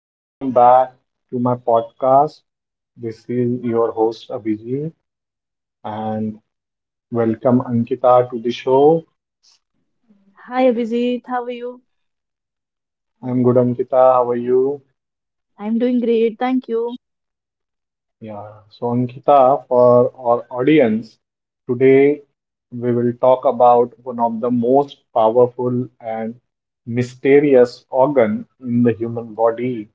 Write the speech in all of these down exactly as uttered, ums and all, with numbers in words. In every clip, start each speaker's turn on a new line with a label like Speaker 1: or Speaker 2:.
Speaker 1: Welcome back to my podcast. This is your host Abhijit and welcome Ankita to the show.
Speaker 2: Hi Abhijit, how are you?
Speaker 1: I'm good, Ankita. How are you?
Speaker 2: I'm doing great, thank you.
Speaker 1: Yeah. So, Ankita, for our audience, today we will talk about one of the most powerful and mysterious organ in the human body.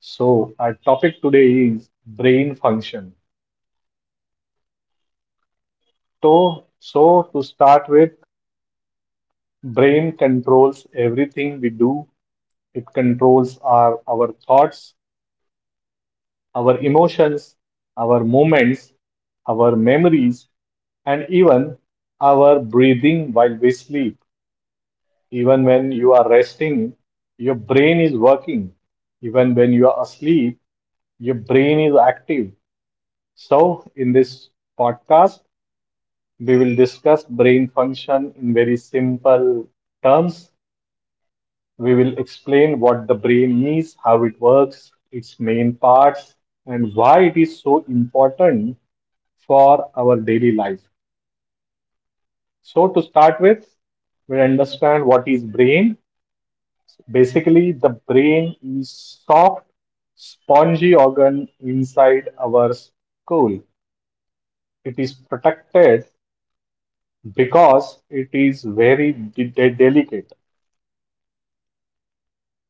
Speaker 1: So, our topic today is brain function. So, so to start with, brain controls everything we do. It controls our, our thoughts, our emotions, our movements, our memories, and even our breathing while we sleep. Even when you are resting, your brain is working. Even when you are asleep, your brain is active. So, in this podcast, we will discuss brain function in very simple terms. We will explain what the brain is, how it works, its main parts, and why it is so important for our daily life. So to start with, we understand what is brain. Basically, the brain is soft, spongy organ inside our skull. It is protected because it is very de- de- delicate.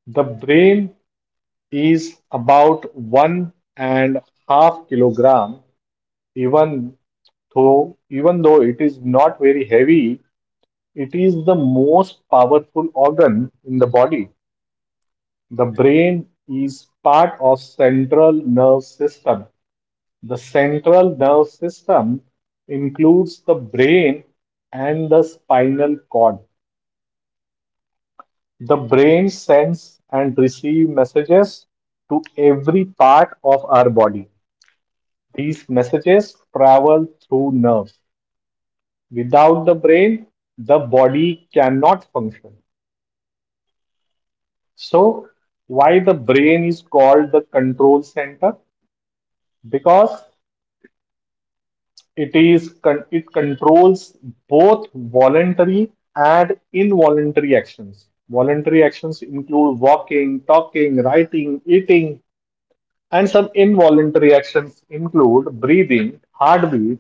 Speaker 1: The brain is about one and half kilogram. Even though even though it is not very heavy, it is the most powerful organ in the body. The brain is part of central nerve system. The central nerve system includes the brain and the spinal cord. The brain sends and receives messages to every part of our body. These messages travel through nerves. Without the brain, the body cannot function. So, why the brain is called the control center? Because it is it controls both voluntary and involuntary actions. Voluntary actions include walking, talking, writing, eating. And some involuntary actions include breathing, heartbeat,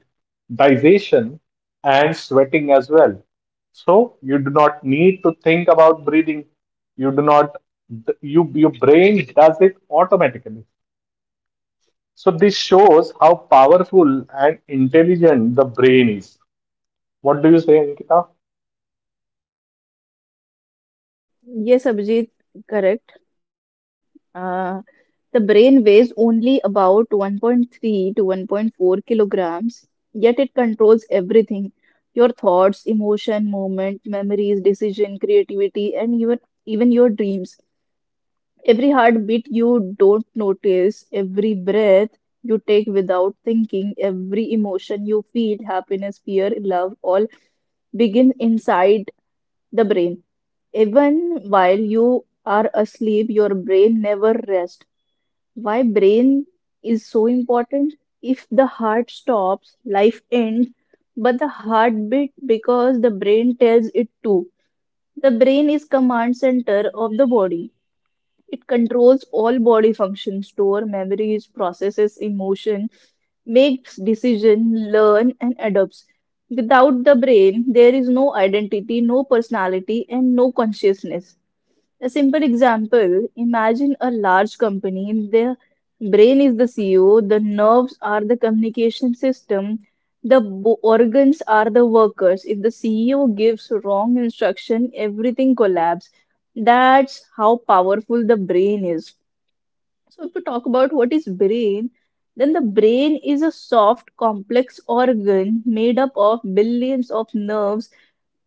Speaker 1: digestion, and sweating as well. So you do not need to think about breathing. You do not, th- you, your brain does it automatically. So this shows how powerful and intelligent the brain is. What do you say, Ankita?
Speaker 2: Yes, Abhijit, correct. Uh, the brain weighs only about one point three to one point four kilograms, yet it controls everything. Your thoughts, emotion, movement, memories, decision, creativity, and even even your dreams. Every heartbeat you don't notice, every breath you take without thinking, every emotion you feel, happiness, fear, love, all begin inside the brain. Even while you are asleep, your brain never rests. Why brain is so important? If the heart stops, life ends, but the heartbeat because the brain tells it to. The brain is command center of the body. It controls all body functions, store memories, processes emotion, makes decision, learn and adapts. Without the brain, there is no identity, no personality, and no consciousness. A simple example, imagine a large company, their brain is the C E O, the nerves are the communication system, the bo- organs are the workers. If the C E O gives wrong instruction, everything collapses. That's how powerful the brain is. So if we talk about what is brain, then the brain is a soft, complex organ made up of billions of nerves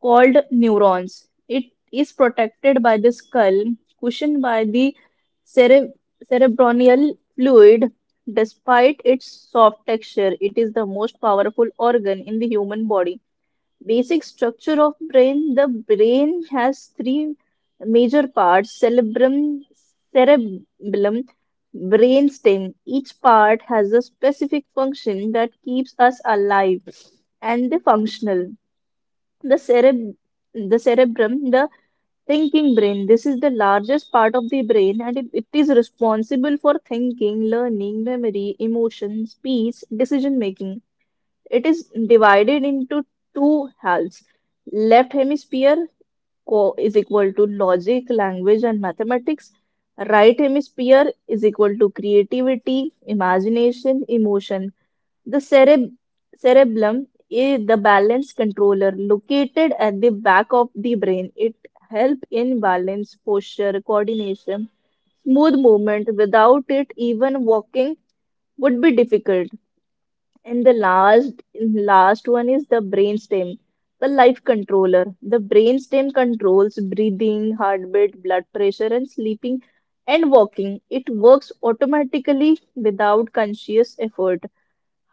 Speaker 2: called neurons. It is protected by the skull, cushioned by the cere- cerebroneal fluid. Despite its soft texture, it is the most powerful organ in the human body. Basic structure of brain. The brain has three major parts: cerebrum, cerebellum, brainstem. Each part has a specific function that keeps us alive and functional. the cerebr the cerebrum, the thinking brain. This is the largest part of the brain and it, it is responsible for thinking, learning, memory, emotion, speech, decision making. It is divided into two halves. Left hemisphere co- is equal to logic, language, and mathematics. Right hemisphere is equal to creativity, imagination, emotion. The cereb- cerebellum is the balance controller located at the back of the brain. It helps in balance, posture, coordination, smooth movement. Without it, even walking would be difficult. And the last last one is the brainstem, the life controller. The brainstem controls breathing, heartbeat, blood pressure, and sleeping and walking. It works automatically without conscious effort.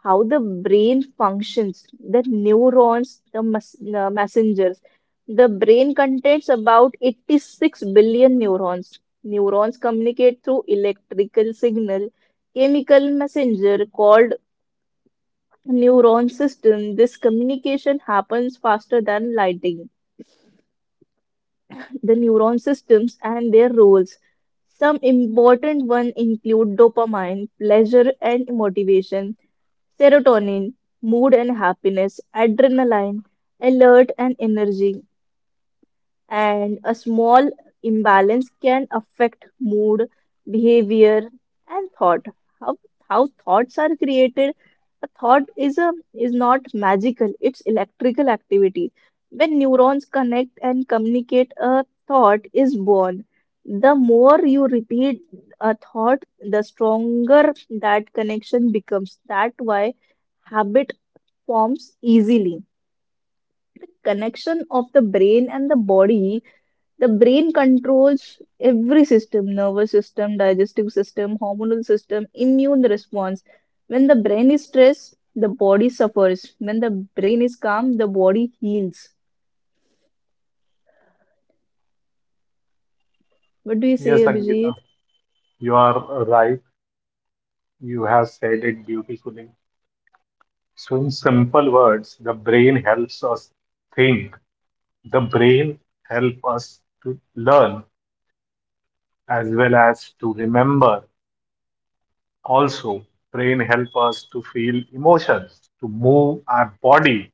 Speaker 2: How the brain functions, the neurons, the mes- the messengers. The brain contains about eighty-six billion neurons. Neurons communicate through electrical signal, chemical messenger called neuron system. This communication happens faster than lighting. The neuron systems and their roles. Some important ones include dopamine, pleasure, and motivation. Serotonin, mood and happiness. Adrenaline, alert and energy. And a small imbalance can affect mood, behavior, and thought. How, how thoughts are created? A thought is a is not magical. It's electrical activity. When neurons connect and communicate, a thought is born. The more you repeat a thought, the stronger that connection becomes. That why habit forms easily. The connection of the brain and the body, the brain controls every system, nervous system, digestive system, hormonal system, immune response. When the brain is stressed, the body suffers. When the brain is calm, the body heals. What do you say,
Speaker 1: Yes, Ankita,
Speaker 2: Abhijit?
Speaker 1: you are right. You have said it beautifully. So, in simple words, the brain helps us think. The brain help us to learn as well as to remember. Also, brain help us to feel emotions, to move our body,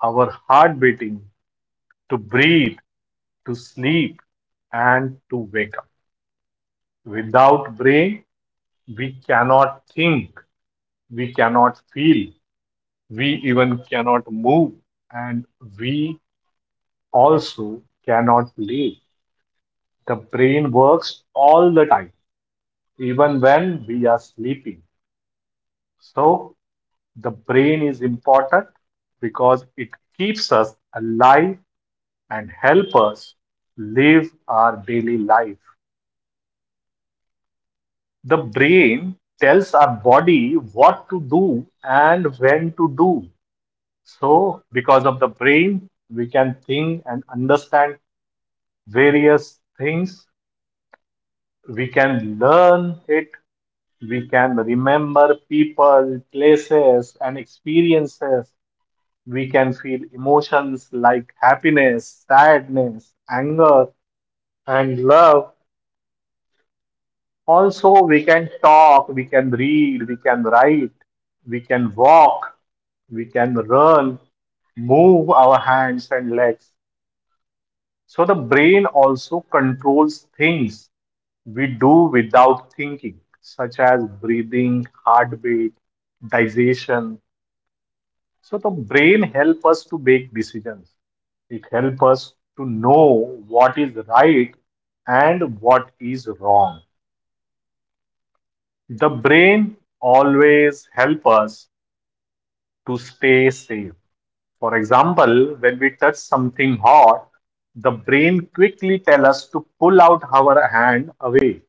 Speaker 1: our heart beating, to breathe, to sleep, and to wake up. Without brain, we cannot think, we cannot feel, we even cannot move, and we also cannot live. The brain works all the time even when we are sleeping. So, the brain is important because it keeps us alive and help us live our daily life. The brain tells our body what to do and when to do. So, because of the brain, we can think and understand various things. We can learn it. We can remember people, places, and experiences. We can feel emotions like happiness, sadness, anger, and love. Also, we can talk, we can read, we can write, we can walk, we can run, move our hands and legs. So, the brain also controls things we do without thinking, such as breathing, heartbeat, digestion. So the brain helps us to make decisions. It helps us to know what is right and what is wrong. The brain always helps us to stay safe. For example, when we touch something hot, the brain quickly tells us to pull out our hand away.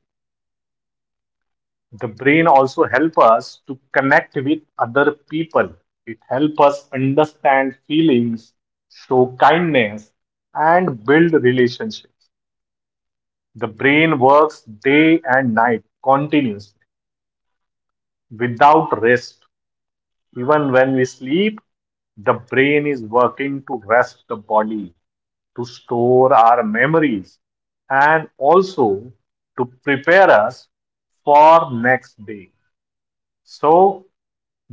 Speaker 1: The brain also helps us to connect with other people. It helps us understand feelings, show kindness, and build relationships. The brain works day and night continuously without rest. Even when we sleep, the brain is working to rest the body, to store our memories, and also to prepare us for next day. So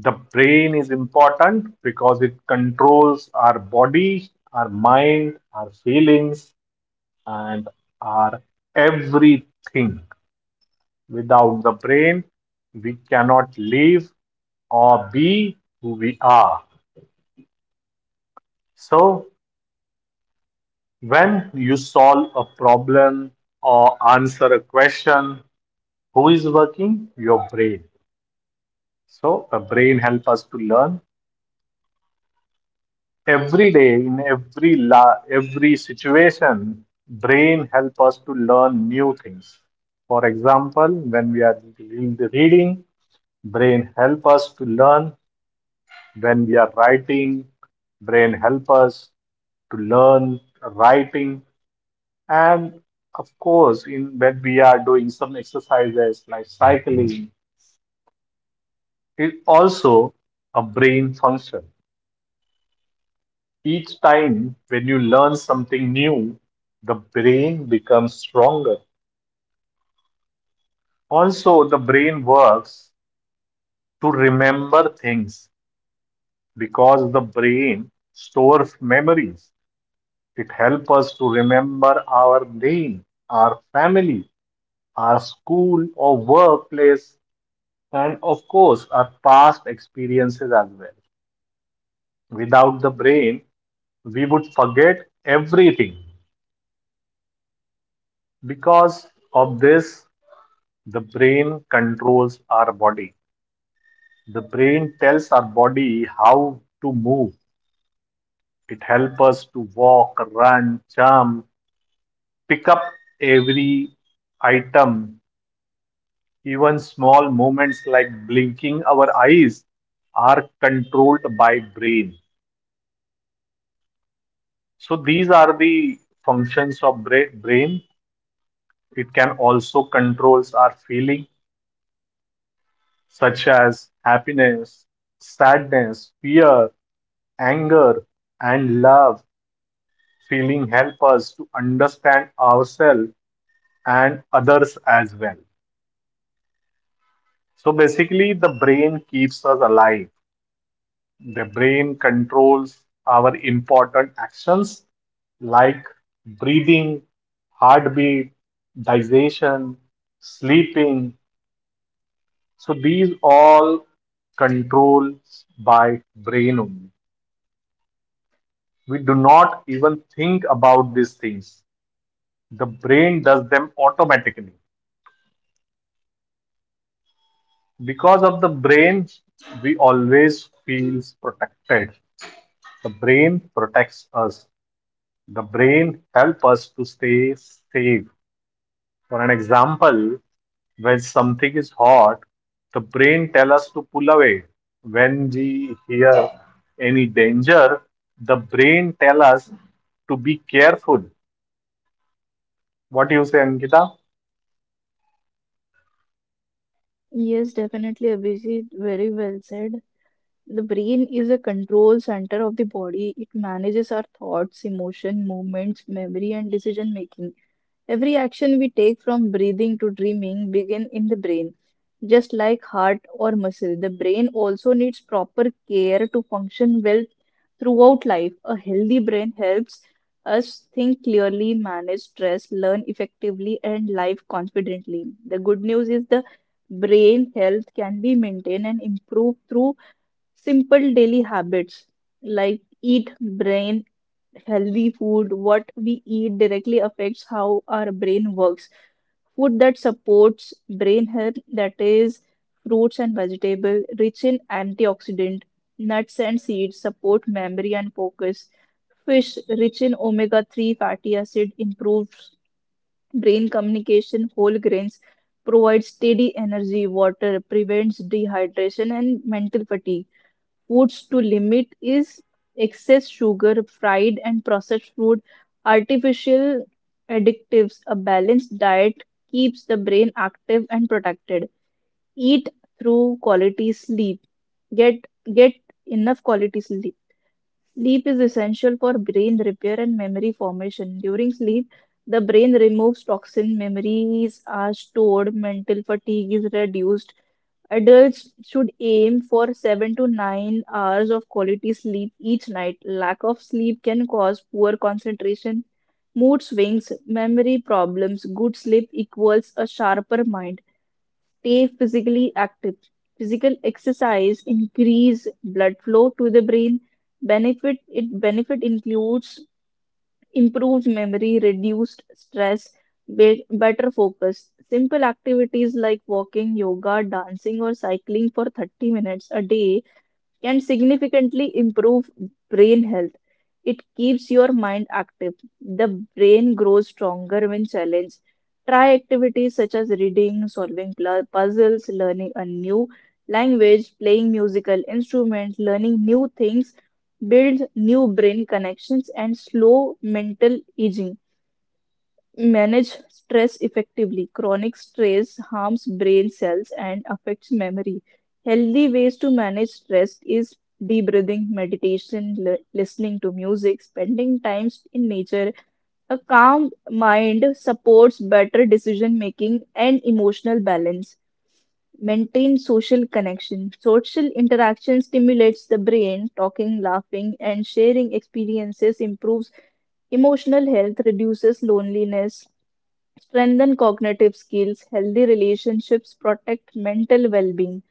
Speaker 1: the brain is important because it controls our body, our mind, our feelings, and our everything. Without the brain, we cannot live or be who we are. So, when you solve a problem or answer a question, who is working? Your brain. So, the brain helps us to learn every day in every la- every situation. Brain help us to learn new things. For example, when we are doing the reading, brain help us to learn. When we are writing, brain help us to learn writing. And of course, in when we are doing some exercises like cycling, it also a brain function. Each time when you learn something new, the brain becomes stronger. Also, the brain works to remember things because the brain stores memories. It helps us to remember our name, our family, our school or workplace, and of course, our past experiences as well. Without the brain, we would forget everything. Because of this, the brain controls our body. The brain tells our body how to move. It helps us to walk, run, jump, pick up every item. Even small movements like blinking our eyes are controlled by brain. So these are the functions of brain. It can also controls our feeling such as happiness, sadness, fear, anger, and love. Feeling help us to understand ourselves and others as well. So basically, the brain keeps us alive. The brain controls our important actions like breathing, heartbeat, digestion, sleeping. So these all controlled by brain only. We do not even think about these things. The brain does them automatically. Because of the brain, we always feels protected. The brain protects us. The brain help us to stay safe. For an example, when something is hot, the brain tell us to pull away. When we hear any danger, the brain tell us to be careful. What do you say, Ankita?
Speaker 2: Yes, definitely, Abhijit. Very well said. The brain is a control center of the body. It manages our thoughts, emotion, movements, memory, and decision making. Every action we take from breathing to dreaming begin in the brain. Just like heart or muscle, the brain also needs proper care to function well throughout life. A healthy brain helps us think clearly, manage stress, learn effectively, and live confidently. The good news is the brain health can be maintained and improved through simple daily habits like eat brain healthy food. What we eat directly affects how our brain works. Food that supports brain health, that is, fruits and vegetable rich in antioxidant, nuts and seeds support memory and focus. Fish rich in omega three fatty acid improves brain communication. Whole grains provide steady energy. Water prevents dehydration and mental fatigue. Foods to limit is excess sugar, fried and processed food, artificial additives. A balanced diet keeps the brain active and protected. Eat through quality sleep. Get get enough quality sleep. Sleep is essential for brain repair and memory formation. During sleep, the brain removes toxin, memories are stored, mental fatigue is reduced. Adults should aim for seven to nine hours of quality sleep each night. Lack of sleep can cause poor concentration, mood swings, memory problems. Good sleep equals a sharper mind. Stay physically active. Physical exercise increase blood flow to the brain. Benefit it benefit includes improved memory, reduced stress, be- better focus. Simple activities like walking, yoga, dancing, or cycling for thirty minutes a day can significantly improve brain health. It keeps your mind active. The brain grows stronger when challenged. Try activities such as reading, solving pl- puzzles, learning a new language, playing musical instruments, learning new things, build new brain connections, and slow mental aging. Manage stress effectively. Chronic stress harms brain cells and affects memory. Healthy ways to manage stress is deep breathing, meditation, li- listening to music, spending time in nature. A calm mind supports better decision making and emotional balance. Maintain social connection. Social interaction stimulates the brain. Talking, laughing, and sharing experiences improves emotional health, reduces loneliness, strengthen cognitive skills, healthy relationships, protect mental well being.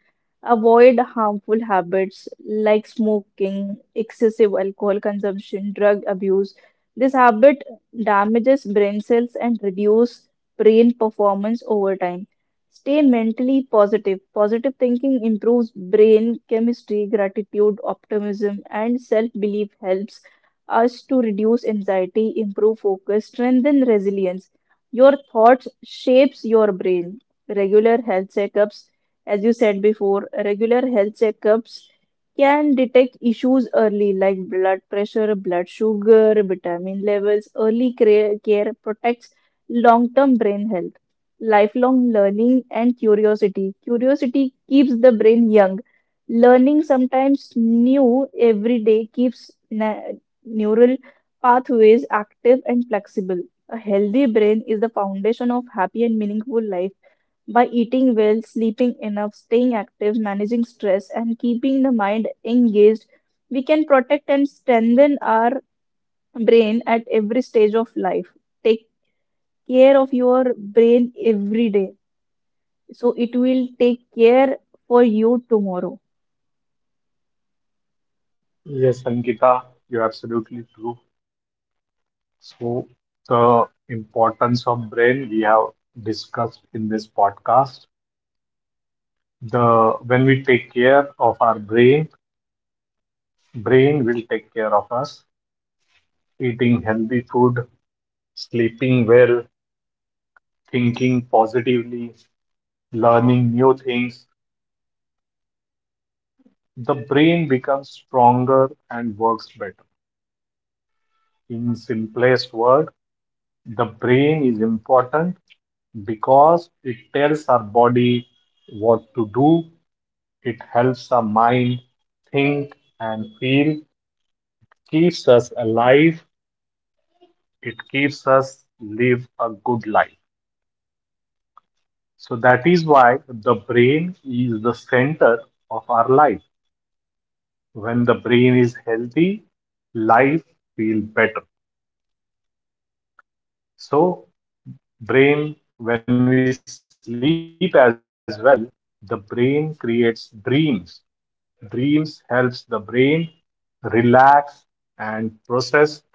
Speaker 2: Avoid harmful habits like smoking, excessive alcohol consumption, drug abuse. This habit damages brain cells and reduce brain performance over time. Stay mentally positive. Positive thinking improves brain chemistry, gratitude, optimism, and self-belief helps us to reduce anxiety, improve focus, strengthen resilience. Your thoughts shapes your brain. Regular health checkups, as you said before, regular health checkups can detect issues early like blood pressure, blood sugar, vitamin levels. Early cre- care protects long term brain health, lifelong learning, and curiosity. Curiosity keeps the brain young. Learning sometimes new every day keeps na- neural pathways active and flexible. A healthy brain is the foundation of happy and meaningful life. By eating well, sleeping enough, staying active, managing stress, and keeping the mind engaged, we can protect and strengthen our brain at every stage of life. Take care of your brain every day, so it will take care for you tomorrow.
Speaker 1: Yes, Ankita, you're absolutely true. So, the importance of brain we have discussed in this podcast. The when we take care of our brain, brain will take care of us. Eating healthy food, sleeping well, thinking positively, learning new things, the brain becomes stronger and works better. In simplest word, the brain is important because it tells our body what to do. It helps the mind think and feel, keeps us alive, it keeps us live a good life. So that is why the brain is the center of our life. When the brain is healthy, life feels better. So brain when we sleep as well, the brain creates dreams. Dreams helps the brain relax and process thoughts.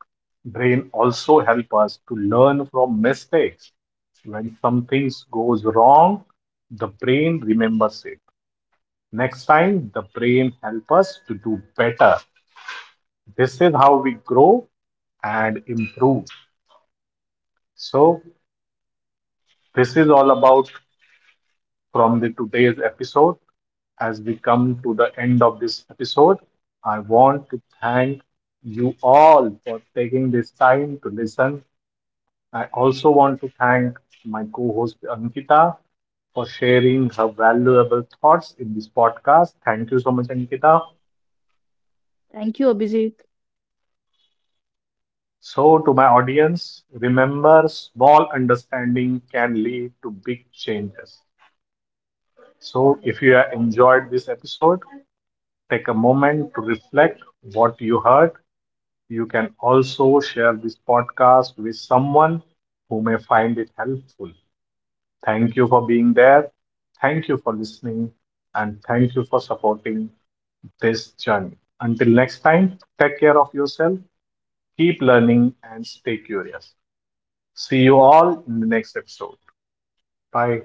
Speaker 1: Brain also help us to learn from mistakes. When something goes wrong, the brain remembers it. Next time, the brain help us to do better. This is how we grow and improve. So, this is all about from the today's episode. As we come to the end of this episode, I want to thank you all for taking this time to listen. I also want to thank my co host Ankita for sharing her valuable thoughts in this podcast. Thank you so much, Ankita.
Speaker 2: Thank you, Abhijit.
Speaker 1: So, to my audience, remember small understanding can lead to big changes. So, if you have enjoyed this episode, take a moment to reflect what you heard. You can also share this podcast with someone who may find it helpful. Thank you for being there. Thank you for listening. And thank you for supporting this journey. Until next time, take care of yourself, keep learning, and stay curious. See you all in the next episode. Bye.